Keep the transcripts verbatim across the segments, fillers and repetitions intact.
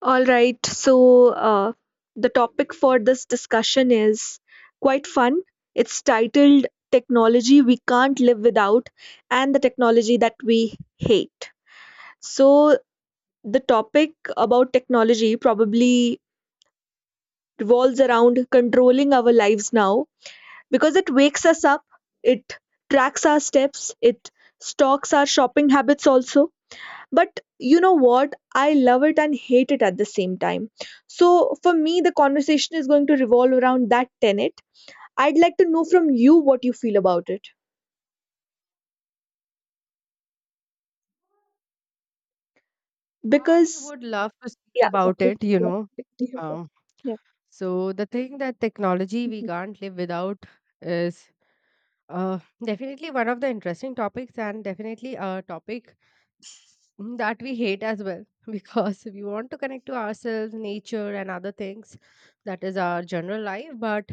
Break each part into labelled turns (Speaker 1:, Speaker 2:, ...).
Speaker 1: All right, so uh, the topic for this discussion is quite fun. It's titled Technology We Can't Live Without and the Technology That We Hate. So, the topic about technology probably revolves around controlling our lives now because it wakes us up, it tracks our steps, it stalks our shopping habits also, but you know what? I love it and hate it at the same time. So for me, the conversation is going to revolve around that tenet. I'd like to know from you what you feel about it.
Speaker 2: I
Speaker 1: Because,
Speaker 2: would love to speak
Speaker 1: yeah,
Speaker 2: about it, you know. Um,
Speaker 1: yeah.
Speaker 2: so the thing that technology we can't live without is uh, definitely one of the interesting topics and definitely a topic Mm, that we hate as well because we want to connect to ourselves, nature, and other things. That is our general life, but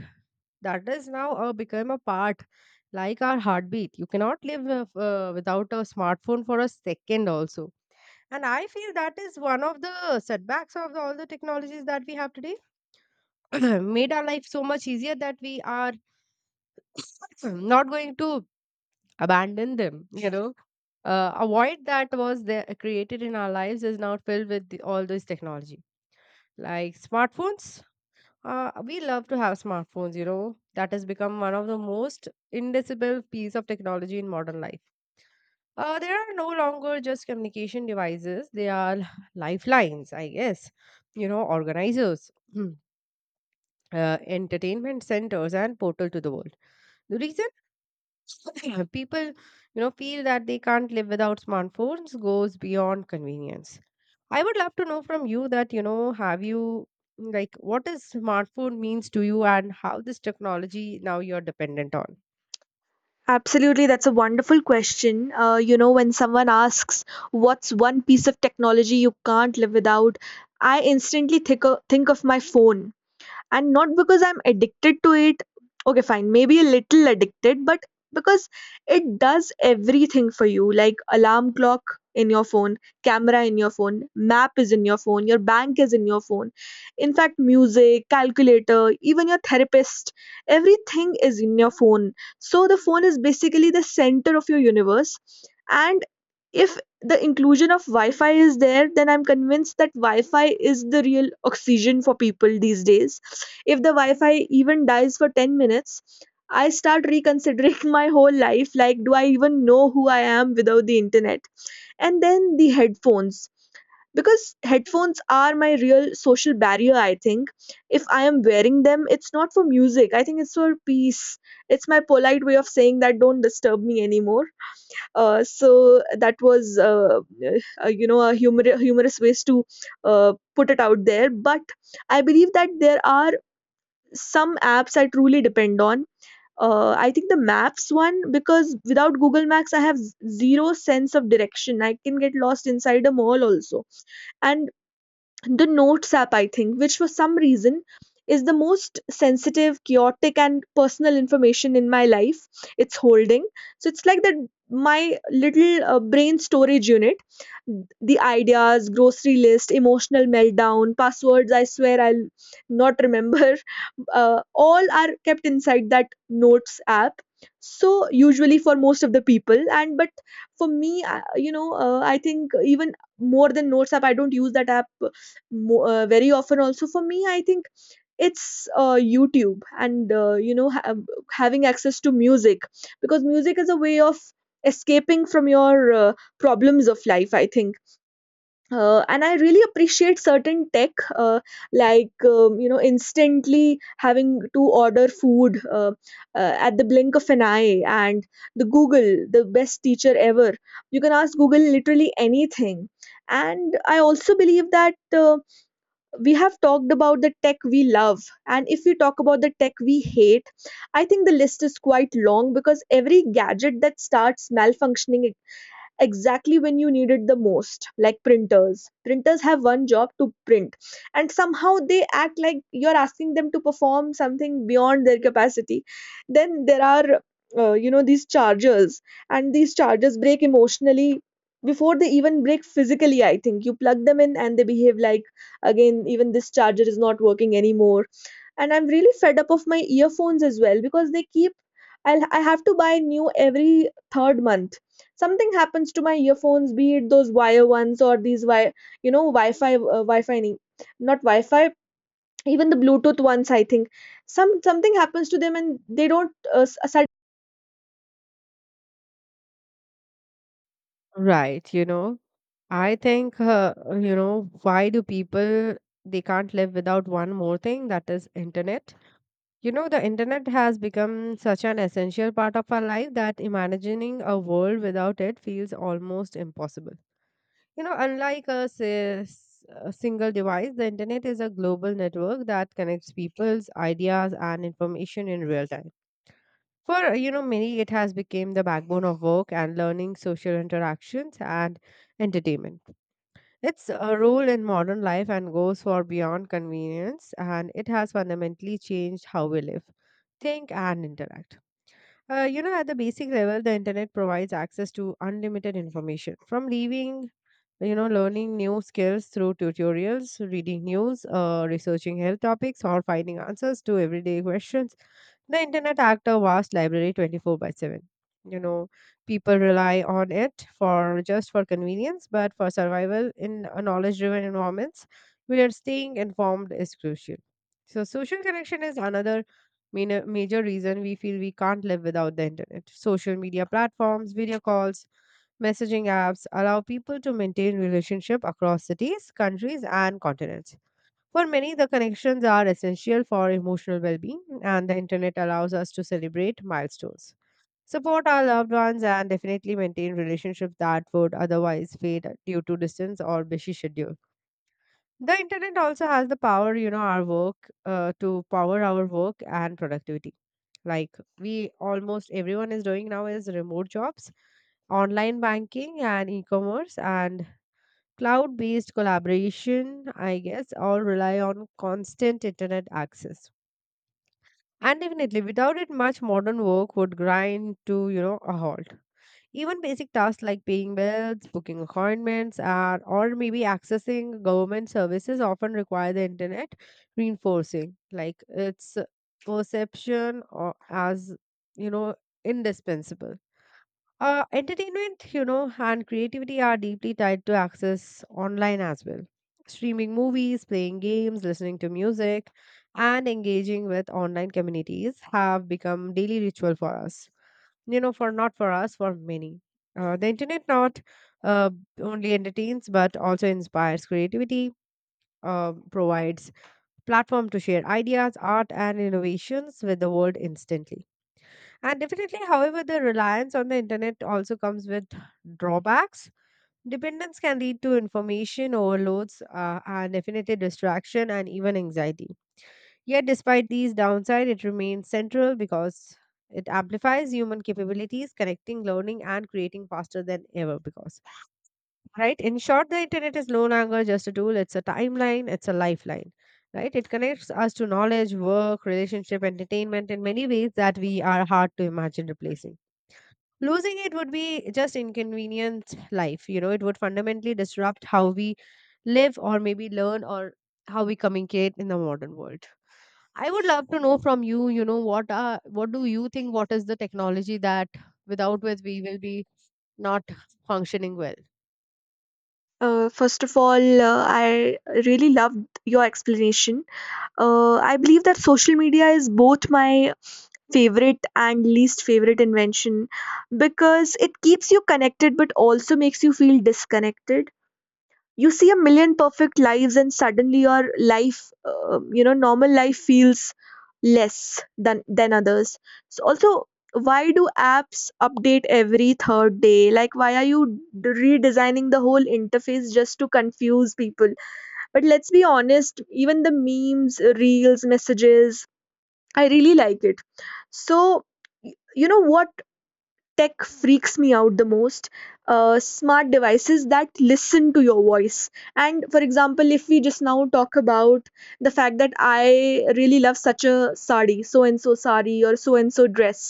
Speaker 2: that is now uh, become a part like our heartbeat. You cannot live with- uh, without a smartphone for a second, also. And I feel that is one of the setbacks of the, all the technologies that we have today. Made our life so much easier that we are not going to abandon them. You know uh, a void that was there created in our lives is now filled with the, all this technology like smartphones. Uh, we love to have smartphones, you know, that has become one of the most indelible piece of technology in modern life. Uh, they are no longer just communication devices, they are lifelines, I guess, you know, organizers, uh, entertainment centers and portal to the world. The reason people, you know, feel that they can't live without smartphones goes beyond convenience. I would love to know from you that, you know, have you, like, what is smartphone means to you and how this technology now you're dependent on.
Speaker 1: Absolutely, that's a wonderful question. Uh, you know, when someone asks, what's one piece of technology you can't live without? I instantly think of, think of my phone. And not because I'm addicted to it. Okay, fine, maybe a little addicted, but because it does everything for you. Like alarm clock in your phone, camera in your phone, map is in your phone, your bank is in your phone. In fact, music, calculator, even your therapist, everything is in your phone. So the phone is basically the center of your universe. And if the inclusion of Wi-Fi is there, then I'm convinced that Wi-Fi is the real oxygen for people these days. If the Wi-Fi even dies for ten minutes, I start reconsidering my whole life, like, do I even know who I am without the internet? And then the headphones. Because headphones are my real social barrier, I think. If I am wearing them, it's not for music. I think it's for peace. It's my polite way of saying that don't disturb me anymore. Uh, so that was, uh, uh, you know, a humor- humorous ways to uh, put it out there. But I believe that there are some apps I truly depend on. Uh, I think the maps one, because without Google Maps I have z- zero sense of direction. I can get lost inside a mall also, and the notes app, I think, which for some reason is the most sensitive, chaotic and personal information in my life it's holding. So it's like that my little uh, brain storage unit, the ideas, grocery list, emotional meltdown, passwords I swear I'll not remember, uh, all are kept inside that notes app. So usually for most of the people, and but for me I- you know, uh, I think, even more than notes app, I don't use that app mo- uh, very often also. For me, I think it's uh, YouTube and uh, you know, ha- uh, having access to music. Because music is a way of escaping from your uh, problems of life, I think. Uh, and I really appreciate certain tech, uh, like um, you know, instantly having to order food uh, uh, at the blink of an eye, and the Google, the best teacher ever. You can ask Google literally anything. And I also believe that, uh, we have talked about the tech we love, and if we talk about the tech we hate, I think the list is quite long. Because every gadget that starts malfunctioning exactly when you need it the most, like printers. Printers have one job, to print, and somehow they act like you're asking them to perform something beyond their capacity. Then there are, uh, you know, these chargers, and these chargers break emotionally before they even break physically. I think you plug them in and they behave like, again, even this charger is not working anymore. And I'm really fed up of my earphones as well, because they keep, I'll, I have to buy new every third month. Something happens to my earphones, be it those wire ones or these wi you know, wi-fi uh, wi-fi ni- not wi-fi, even the bluetooth ones, I think, some something happens to them and they don't uh, s- sud-
Speaker 2: Right, you know, I think, uh, you know, why do people, they can't live without one more thing, that is internet. You know, the internet has become such an essential part of our life that imagining a world without it feels almost impossible. You know, unlike a, s- a single device, the internet is a global network that connects people's ideas and information in real time. For, you know, many, it has become the backbone of work and learning, social interactions, and entertainment. It's a role in modern life and goes far beyond convenience, and it has fundamentally changed how we live, think, and interact. Uh, you know, at the basic level, the internet provides access to unlimited information, from leaving, you know, learning new skills through tutorials, reading news, uh, researching health topics, or finding answers to everyday questions. The internet act a vast library twenty-four by seven, you know. People rely on it for just for convenience but for survival in a knowledge driven environments where staying informed is crucial. So social connection is another main- major reason we feel we can't live without the internet. Social media platforms, video calls, messaging apps allow people to maintain relationship across cities, countries, and continents. For many, the connections are essential for emotional well-being, and the internet allows us to celebrate milestones, support our loved ones, and definitely maintain relationships that would otherwise fade due to distance or busy schedule. The internet also has the power, you know, our work uh, to power our work and productivity. Like, we, almost everyone is doing now is remote jobs, online banking and e-commerce, and cloud-based collaboration, I guess, all rely on constant internet access. And definitely, without it, much modern work would grind to, you know, a halt. Even basic tasks like paying bills, booking appointments, and or maybe accessing government services often require the internet, reinforcing, like, its perception or as, you know, indispensable. Uh, entertainment, you know, and creativity are deeply tied to access online as well. Streaming movies, playing games, listening to music, and engaging with online communities have become daily ritual for us. You know, for not for us, for many. Uh, the internet not uh, only entertains but also inspires creativity, uh, provides platform to share ideas, art, and innovations with the world instantly. And definitely, however, the reliance on the internet also comes with drawbacks. Dependence can lead to information overloads uh, and definitely distraction and even anxiety. Yet, despite these downsides, it remains central because it amplifies human capabilities, connecting, learning, and creating faster than ever. Because, right, in short, the internet is no longer just a tool, it's a timeline, it's a lifeline. Right, it connects us to knowledge, work, relationship, entertainment in many ways that we are hard to imagine replacing. Losing it would be just inconvenient life, you know, it would fundamentally disrupt how we live or maybe learn or how we communicate in the modern world. I would love to know from you, you know, what are what do you think, what is the technology that without which we will be not functioning well?
Speaker 1: uh, first of all, uh, I really loved your explanation. Uh, I believe that social media is both my favorite and least favorite invention, because it keeps you connected but also makes you feel disconnected. You see a million perfect lives and suddenly your life, uh, you know, normal life feels less than than others. So also, why do apps update every third day? Like, why are you d- redesigning the whole interface just to confuse people? But let's be honest, even the memes, reels, messages, I really like it. So, y- you know what tech freaks me out the most? Uh, smart devices that listen to your voice. And for example, if we just now talk about the fact that I really love such a sari, so and so sari, or so and so dress,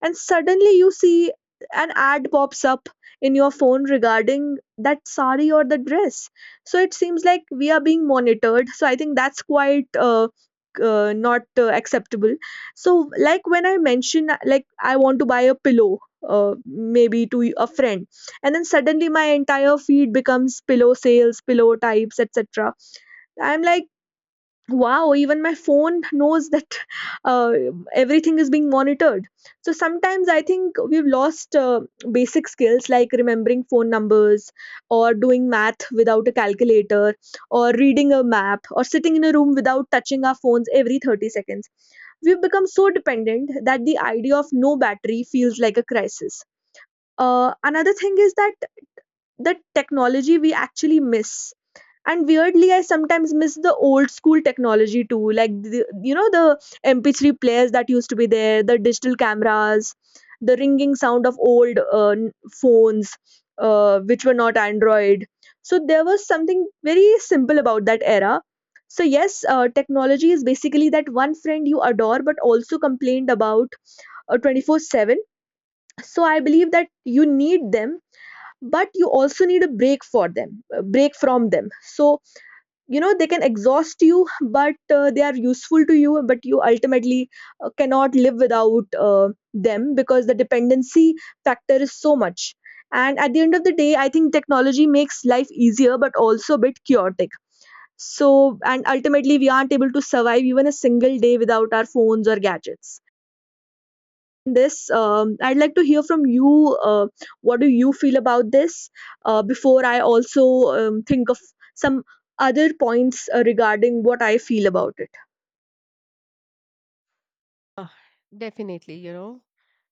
Speaker 1: and suddenly you see an ad pops up in your phone regarding that sari or the dress. So it seems like we are being monitored. So I think that's quite uh, uh, not uh, acceptable. So, like, when I mention, like, I want to buy a pillow, uh, maybe to a friend, and then suddenly my entire feed becomes pillow sales, pillow types, etc. I'm like, wow, even my phone knows that. uh, Everything is being monitored. So sometimes I think we've lost uh, basic skills, like remembering phone numbers, or doing math without a calculator, or reading a map, or sitting in a room without touching our phones every thirty seconds. We've become so dependent that the idea of no battery feels like a crisis. Uh, another thing is that the technology we actually miss. And weirdly, I sometimes miss the old school technology too, like the, you know, the M P three players that used to be there, the digital cameras, the ringing sound of old uh, n- phones, uh, which were not Android. So there was something very simple about that era. So yes, uh, technology is basically that one friend you adore, but also complained about, uh, twenty-four seven. So I believe that you need them, but you also need a break for them a break from them. So, you know, they can exhaust you, but uh, they are useful to you, but you ultimately uh, cannot live without uh, them, because the dependency factor is so much. And at the end of the day, I think technology makes life easier but also a bit chaotic. So, and ultimately we aren't able to survive even a single day without our phones or gadgets this. Um, I'd like to hear from you. Uh, what do you feel about this? Uh, before I also um, think of some other points uh, regarding what I feel about it.
Speaker 2: Uh, Definitely, you know,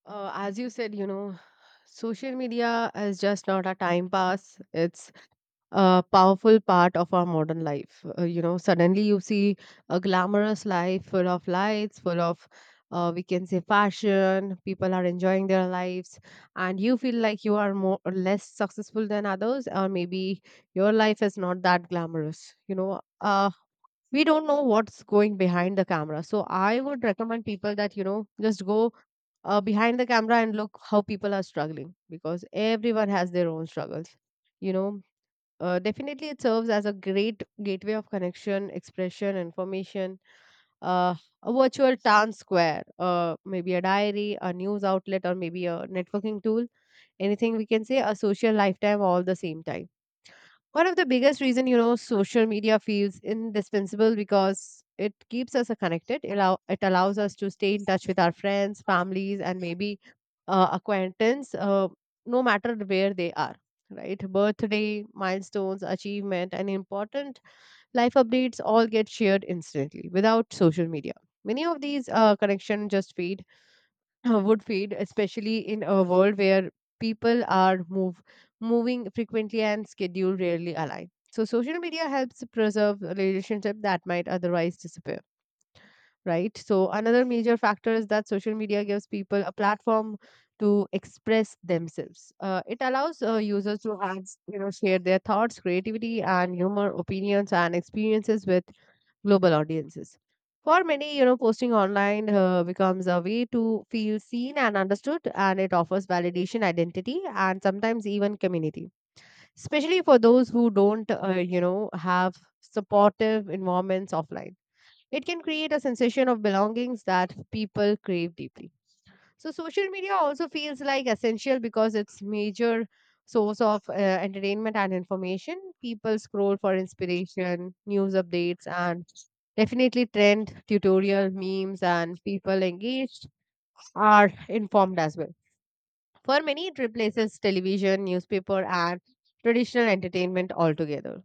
Speaker 2: uh, as you said, you know, social media is just not a time pass. It's a powerful part of our modern life. Uh, you know, suddenly you see a glamorous life full of lights, full of, uh, we can say, fashion. People are enjoying their lives, and you feel like you are more or less successful than others, or maybe your life is not that glamorous. You know, uh, we don't know what's going behind the camera. So I would recommend people that, you know, just go uh, behind the camera and look how people are struggling, because everyone has their own struggles, you know. Uh, definitely it serves as a great gateway of connection, expression, information, uh, a virtual town square, uh, maybe a diary, a news outlet, or maybe a networking tool. Anything, we can say, a social lifetime, all the same time. One of the biggest reason, you know, social media feels indispensable because it keeps us uh, connected. Allow it allows us to stay in touch with our friends, families, and maybe uh, acquaintance, uh, no matter where they are. Right, birthday, milestones, achievement, and important life updates all get shared instantly without social media. Many of these uh, connections just fade uh, would fade, especially in a world where people are move moving frequently and schedule rarely align. So social media helps preserve a relationship that might otherwise disappear. Right. So another major factor is that social media gives people a platform to express themselves. Uh, it allows uh, users to have, you know, share their thoughts, creativity, and humor, opinions, and experiences with global audiences. For many, you know, posting online uh, becomes a way to feel seen and understood, and it offers validation, identity, and sometimes even community, especially for those who don't, uh, you know, have supportive environments offline. It can create a sensation of belongings that people crave deeply. So social media also feels like essential because it's major source of uh, entertainment and information. People scroll for inspiration, news updates, and definitely trend tutorial memes. And people engaged are informed as well. For many, it replaces television, newspaper, and traditional entertainment altogether.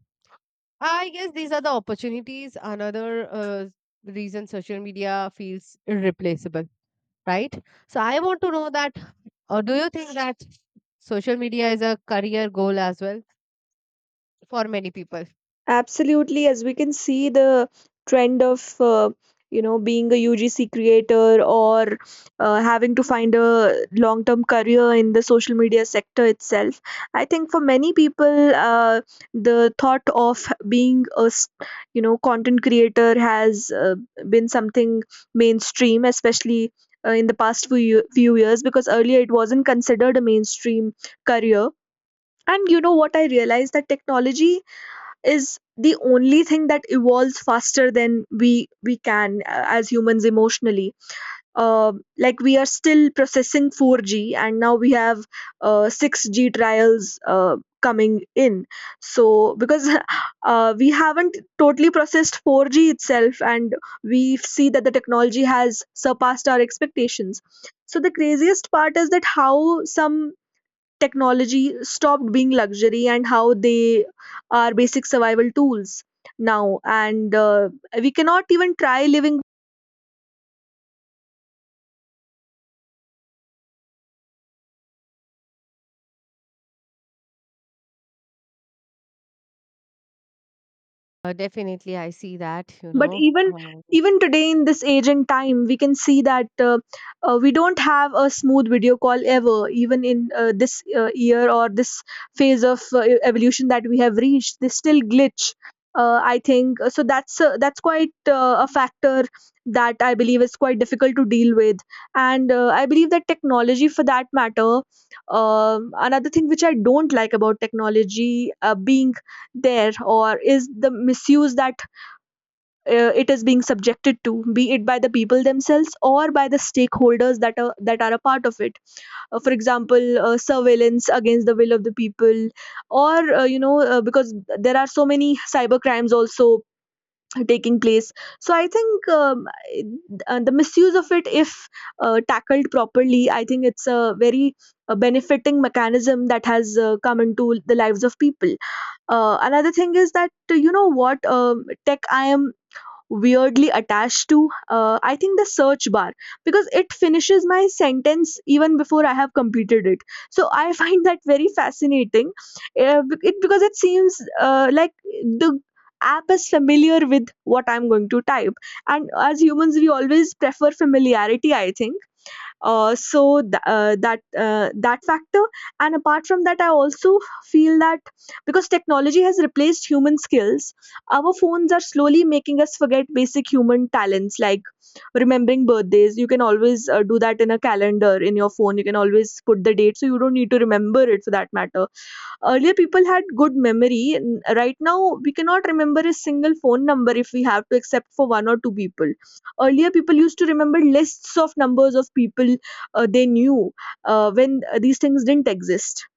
Speaker 2: I guess these are the opportunities. Another uh, reason social media feels irreplaceable, right? So I want to know that, or do you think that social media is a career goal as well for many people?
Speaker 1: Absolutely, as we can see the trend of uh, you know, being a U G C creator, or uh, having to find a long-term career in the social media sector itself. I think for many people, uh, the thought of being a s- you know, content creator has uh, been something mainstream, especially. Uh, in the past few, year- few years, because earlier it wasn't considered a mainstream career. And you know what, I realized that technology is the only thing that evolves faster than we we can, uh, as humans, emotionally. Um like, we are still processing four G and now we have uh, six G trials uh, coming in. So, because uh, we haven't totally processed four G itself, and we see that the technology has surpassed our expectations. So the craziest part is that how some technology stopped being luxury and how they are basic survival tools now, and uh, we cannot even try living,
Speaker 2: Uh, definitely, I see that, you
Speaker 1: but
Speaker 2: know.
Speaker 1: even
Speaker 2: Um,
Speaker 1: even today, in this age and time, we can see that uh, uh, we don't have a smooth video call ever, even in uh, this uh, year or this phase of uh, e-, evolution that we have reached. They still glitch, uh, i think uh, so that's, uh, that's quite uh, a factor that I believe is quite difficult to deal with. And uh, I believe that technology, for that matter, um, another thing which I don't like about technology uh, being there or is the misuse that uh, it is being subjected to, be it by the people themselves or by the stakeholders that are that are a part of it. Uh, for example, uh, surveillance against the will of the people, or uh, you know, uh, because there are so many cyber crimes also taking place. So I think, um, I- uh, the misuse of it, if uh, tackled properly, I think it's a very uh benefiting mechanism that has uh, come into the lives of people. Uh, another thing is that, uh, you know what, um tech I am weirdly attached to, uh, I think the search bar, because it finishes my sentence even before I have completed it. So I find that very fascinating. Uh, be- it, because it seems uh, like the app is familiar with what I'm going to type, and as humans we always prefer familiarity, I think. Uh, so th- uh, that uh, that factor. And apart from that, I also feel That, because technology has replaced human skills, our phones are slowly making us forget basic human talents like remembering birthdays. You can always uh, do that in a calendar in your phone. You can always put the date, so you don't need to remember it for that matter. Earlier people had good memory. N- right now we cannot remember a single phone number if we have to, except for one or two people. Earlier people used to remember lists of numbers of people uh, they knew, uh, when uh, these things didn't exist,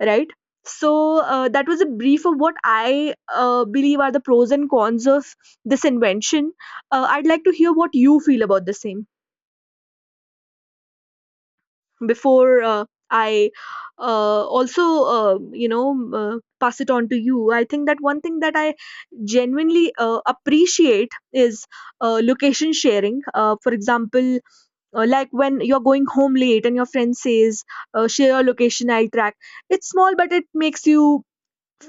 Speaker 1: right? So uh, that was a brief of what I uh, believe are the pros and cons of this invention. uh, I'd like to hear what you feel about the same before uh, I uh, also, uh, you know uh, pass it on to you. I think that one thing that I genuinely uh, appreciate is uh, location sharing. Uh, for example, uh, like when you're going home late and your friend says, uh, "Share your location, I'll track." It's small, but it makes you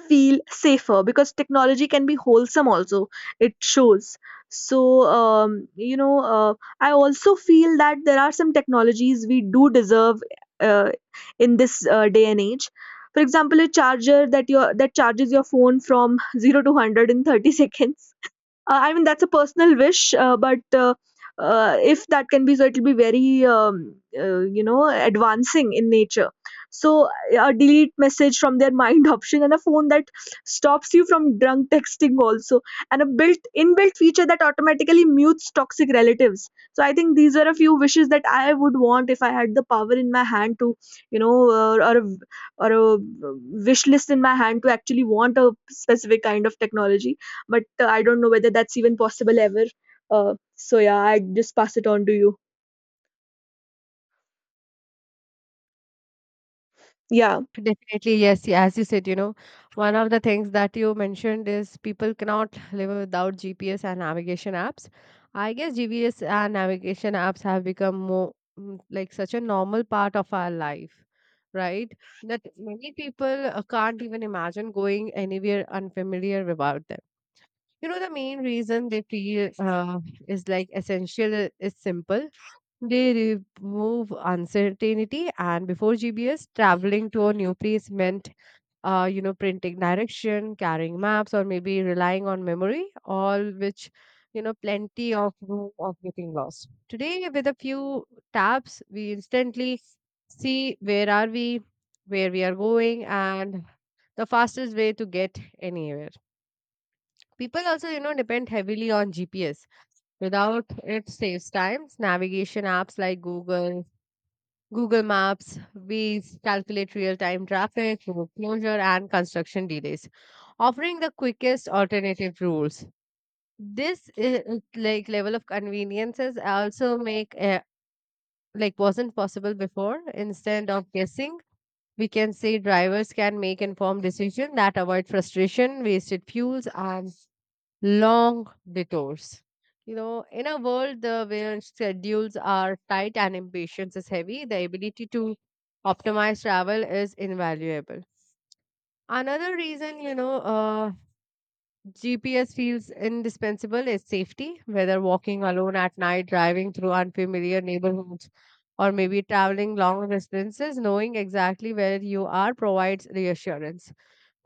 Speaker 1: feel safer, because technology can be wholesome also. It shows. So um, you know uh, I also feel that there are some technologies we do deserve uh, in this uh, day and age. For example, a charger that your that charges your phone from zero to one hundred in thirty seconds. uh, I mean, that's a personal wish, uh, but uh, uh, if that can be so, it'll be very, um, uh, you know, advancing in nature. So a delete message from their mind option, and a phone that stops you from drunk texting also, and a built inbuilt feature that automatically mutes toxic relatives. So I think these are a few wishes that I would want if I had the power in my hand to, you know, uh, or a, or a uh, wish list in my hand to actually want a specific kind of technology. But uh, I don't know whether that's even possible ever. Uh, so yeah, I just pass it on to you. Yeah.
Speaker 2: Definitely, yes. Yeah, as you said, you know, one of the things that you mentioned is people cannot live without G P S and navigation apps. I guess G P S and navigation apps have become more mm, like such a normal part of our life, right? That many people uh, can't even imagine going anywhere unfamiliar about them. You know, the main reason they feel uh, is like essential I- is simple. They remove uncertainty, and before G P S, traveling to a new place meant, uh, you know, printing direction, carrying maps, or maybe relying on memory, all which, you know, plenty of room of getting lost. Today, with a few taps, we instantly see where are we, where we are going, and the fastest way to get anywhere. People also, you know, depend heavily on G P S. Without it saves times. Navigation apps like Google, Google Maps, Waze calculate real-time traffic, road closure, and construction delays, offering the quickest alternative routes. This i- i- like level of conveniences also make uh, like wasn't possible before. Instead of guessing, we can say drivers can make informed decision that avoid frustration, wasted fuels, and long detours. You know, in a world uh, where schedules are tight and impatience is heavy, the ability to optimize travel is invaluable. Another reason, you know, uh, G P S feels indispensable is safety, whether walking alone at night, driving through unfamiliar neighborhoods, or maybe traveling long distances, knowing exactly where you are provides reassurance.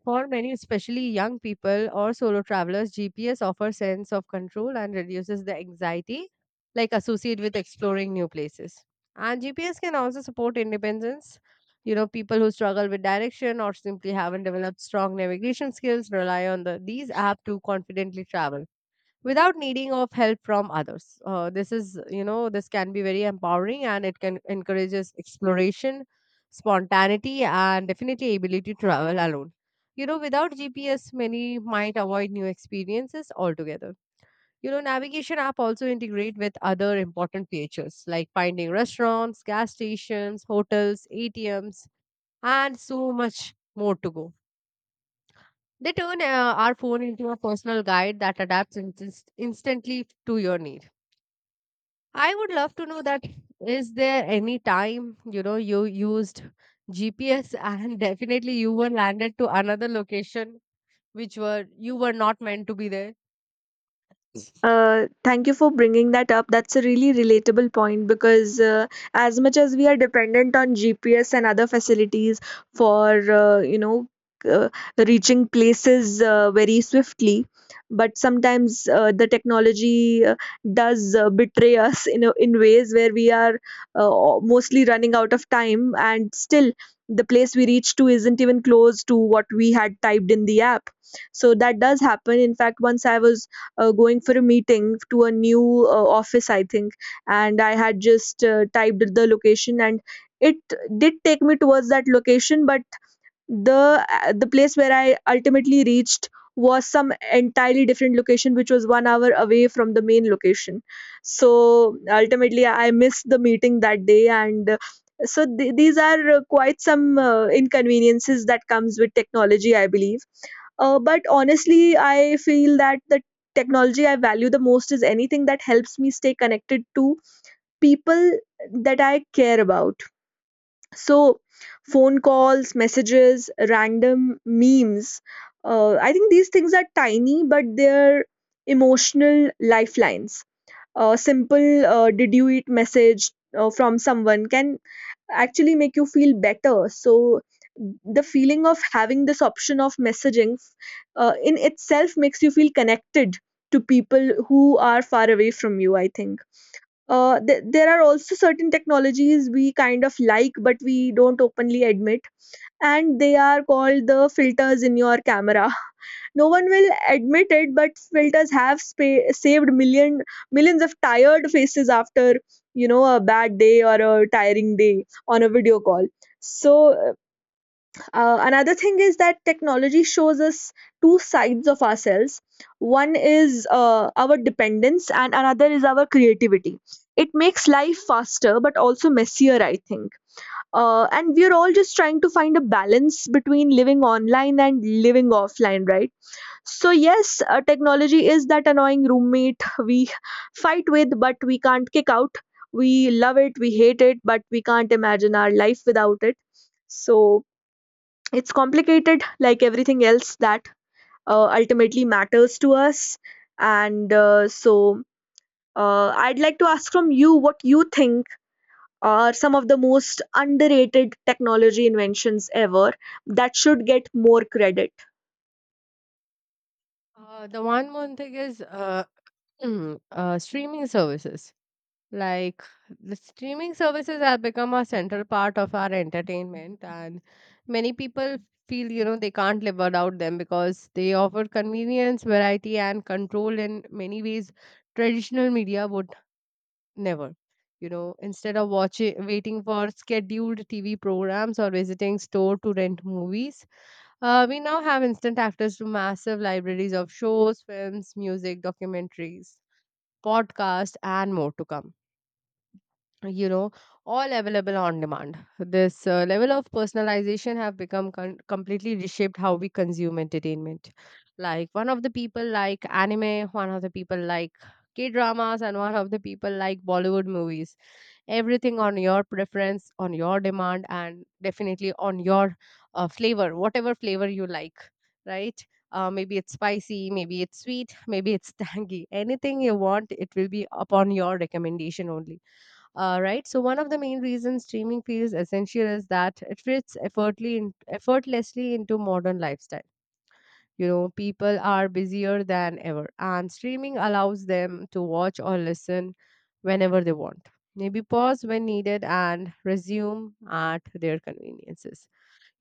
Speaker 2: For many, especially young people or solo travelers, G P S offers sense of control and reduces the anxiety like associated with exploring new places. And G P S can also support independence. You know, people who struggle with direction or simply haven't developed strong navigation skills rely on the, these apps to confidently travel without needing of help from others. Uh, this is, you know, this can be very empowering, and it can encourages exploration, spontaneity, and definitely ability to travel alone. You know, without G P S many might avoid new experiences altogether. You know, navigation app also integrate with other important features like finding restaurants, gas stations, hotels, A T Ms, and so much more to go. They turn uh, our phone into a personal guide that adapts inst- instantly to your needs. I would love to know that, is there any time, you know, you used G P S and definitely you were landed to another location which were you were not meant to be there?
Speaker 1: Uh, thank you for bringing that up. That's a really relatable point, because uh, as much as we are dependent on G P S and other facilities for, uh, you know uh, reaching places uh, very swiftly, but sometimes uh, the technology uh, does uh, betray us in a, in ways where we are uh, mostly running out of time, and still the place we reach to isn't even close to what we had typed in the app. So that does happen. In fact, once I was uh, going for a meeting to a new uh, office, I think, and I had just uh, typed the location, and it did take me towards that location, but the uh, the place where I ultimately reached was some entirely different location, which was one hour away from the main location. So ultimately I missed the meeting that day. And uh, so th- these are uh, quite some uh, inconveniences that comes with technology, I believe. Uh, but honestly, I feel that the technology I value the most is anything that helps me stay connected to people that I care about. So phone calls, messages, random memes. Uh, I think these things are tiny, but they're emotional lifelines. A simple uh, "Did you eat?" message uh, from someone can actually make you feel better. So the feeling of having this option of messaging uh, in itself makes you feel connected to people who are far away from you, I think. Uh, th- there are also certain technologies we kind of like, but we don't openly admit, and they are called the filters in your camera. No one will admit it, but filters have spa- saved million millions of tired faces after, you know, a bad day or a tiring day on a video call. So uh, uh, another thing is that technology shows us two sides of ourselves. One is uh, our dependence, and another is our creativity. It makes life faster, but also messier, I think. Uh, and we are all just trying to find a balance between living online and living offline, right? So yes, uh, technology is that annoying roommate we fight with, but we can't kick out. We love it, we hate it, but we can't imagine our life without it. So it's complicated, like everything else that uh, ultimately matters to us. And uh, so, uh, I'd like to ask from you, what you think are some of the most underrated technology inventions ever that should get more credit.
Speaker 2: Uh, the one more thing is uh, uh, streaming services. Like, the streaming services have become a central part of our entertainment, and many people feel, you know, they can't live without them because they offer convenience, variety, and control in many ways traditional media would never. You know, instead of watching, waiting for scheduled T V programs or visiting store to rent movies, uh, we now have instant access to massive libraries of shows, films, music, documentaries, podcasts, and more to come. You know, all available on demand. This uh, level of personalization have become con- completely reshaped how we consume entertainment. Like one of the people like anime, one of the people like k dramas, and one of the people like bollywood movies. Everything on your preference, on your demand, and definitely on your uh, flavor, whatever flavor you like, right? Uh, maybe it's spicy, maybe it's sweet, maybe it's tangy, anything you want it will be upon your recommendation only. Uh, right. So one of the main reasons streaming feels essential is that it fits effortly in, effortlessly into modern lifestyle. You know, people are busier than ever, and streaming allows them to watch or listen whenever they want. Maybe pause when needed and resume at their conveniences.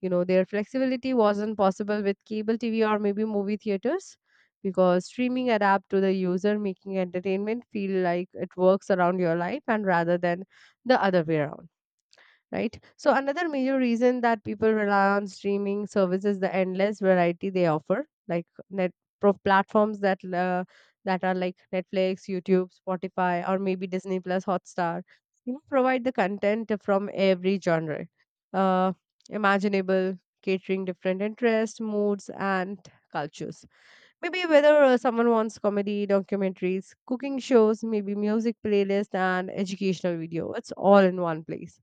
Speaker 2: You know, their flexibility wasn't possible with cable T V or maybe movie theaters because streaming adapt to the user, making entertainment feel like it works around your life and rather than the other way around, right? So another major reason that people rely on streaming services the endless variety they offer, like net pro- platforms that uh, that are like Netflix, YouTube, Spotify, or maybe Disney Plus, Hotstar. You know, provide the content from every genre, uh, imaginable, catering different interests, moods, and cultures. Maybe whether uh, someone wants comedy, documentaries, cooking shows, maybe music playlist, and educational video. It's all in one place.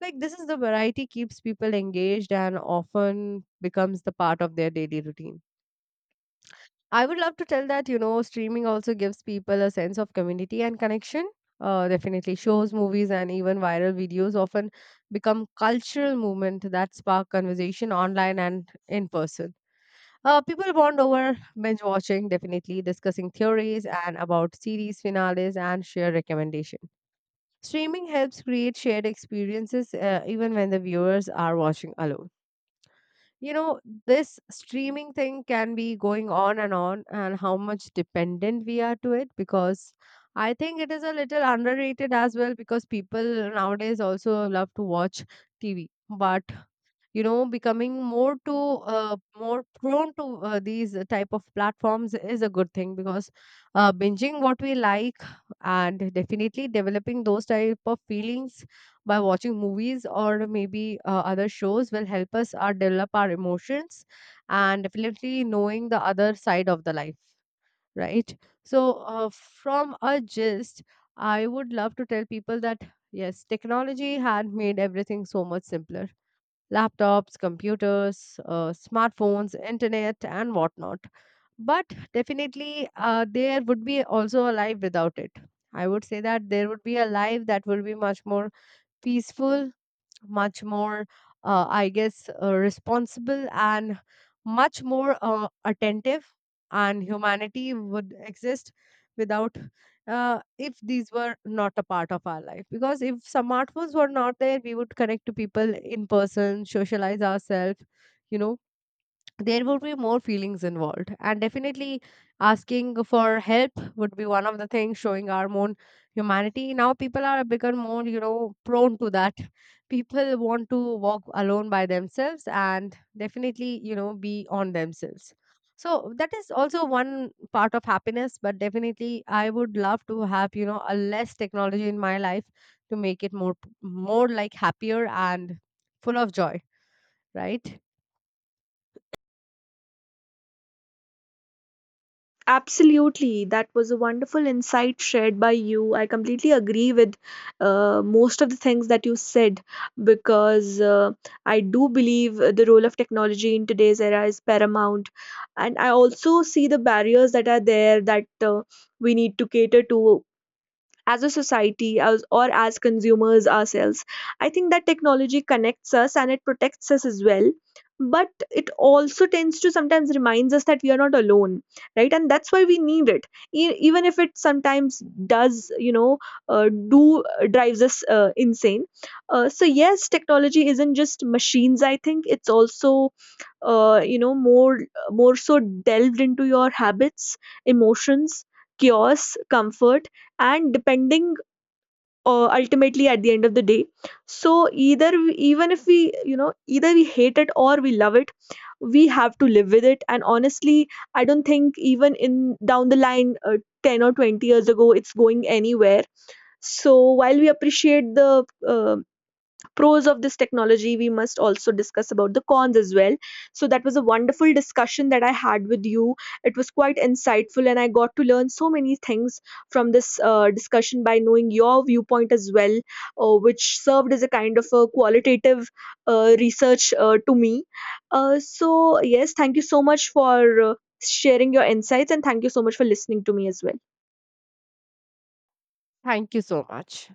Speaker 2: Like this is the variety keeps people engaged and often becomes the part of their daily routine. I would love to tell that, you know, streaming also gives people a sense of community and connection. Uh, definitely shows, movies, and even viral videos often become cultural movement that spark conversation online and in person. Uh, people bond over binge watching, definitely discussing theories and about series finales and share recommendations. Streaming helps create shared experiences uh, even when the viewers are watching alone. You know, this streaming thing can be going on and on, and how much dependent we are to it because I think it is a little underrated as well because people nowadays also love to watch T V. But you know, becoming more to uh, more prone to uh, these type of platforms is a good thing because uh, binging what we like and definitely developing those type of feelings by watching movies or maybe uh, other shows will help us uh, develop our emotions and definitely knowing the other side of the life, right? So uh, from a gist, I would love to tell people that, yes, technology had made everything so much simpler. Laptops, computers, uh, smartphones, internet, and whatnot. But definitely, uh, there would be also a life without it. I would say that there would be a life that will be much more peaceful, much more, uh, I guess, uh, responsible, and much more uh, attentive, and humanity would exist without, uh, if these were not a part of our life. Because if smartphones were not there, we would connect to people in person, socialize ourselves, you know, there would be more feelings involved, and definitely asking for help would be one of the things showing our own humanity. Now people are become more, you know, prone to that. People want to walk alone by themselves and definitely, you know, be on themselves. So that is also one part of happiness, but definitely I would love to have, you know, a less technology in my life to make it more, more like happier and full of joy, right?
Speaker 1: Absolutely. That was a wonderful insight shared by you. I completely agree with uh, most of the things that you said, because uh, I do believe the role of technology in today's era is paramount. And I also see the barriers that are there, that uh, we need to cater to as a society, as, or as consumers ourselves. I think that technology connects us, and it protects us as well. But it also tends to sometimes reminds us that we are not alone, right? And that's why we need it, e- even if it sometimes does, you know, uh, do uh, drives us uh, insane. Uh, so yes, technology isn't just machines. I think it's also, uh, you know, more more so delved into your habits, emotions, chaos, comfort, and depending uh, ultimately at the end of the day. So either we, even if we, you know, either we hate it or we love it, we have to live with it. And honestly, I don't think even in down the line, uh, ten or twenty years ago, it's going anywhere. So while we appreciate the uh, pros of this technology, we must also discuss about the cons as well. So that was a wonderful discussion that I had with you. It was quite insightful, and I got to learn so many things from this uh, discussion by knowing your viewpoint as well, uh, which served as a kind of a qualitative uh, research uh, to me. Uh, so yes, thank you so much for uh, sharing your insights, and thank you so much for listening to me as well.
Speaker 2: Thank you so much.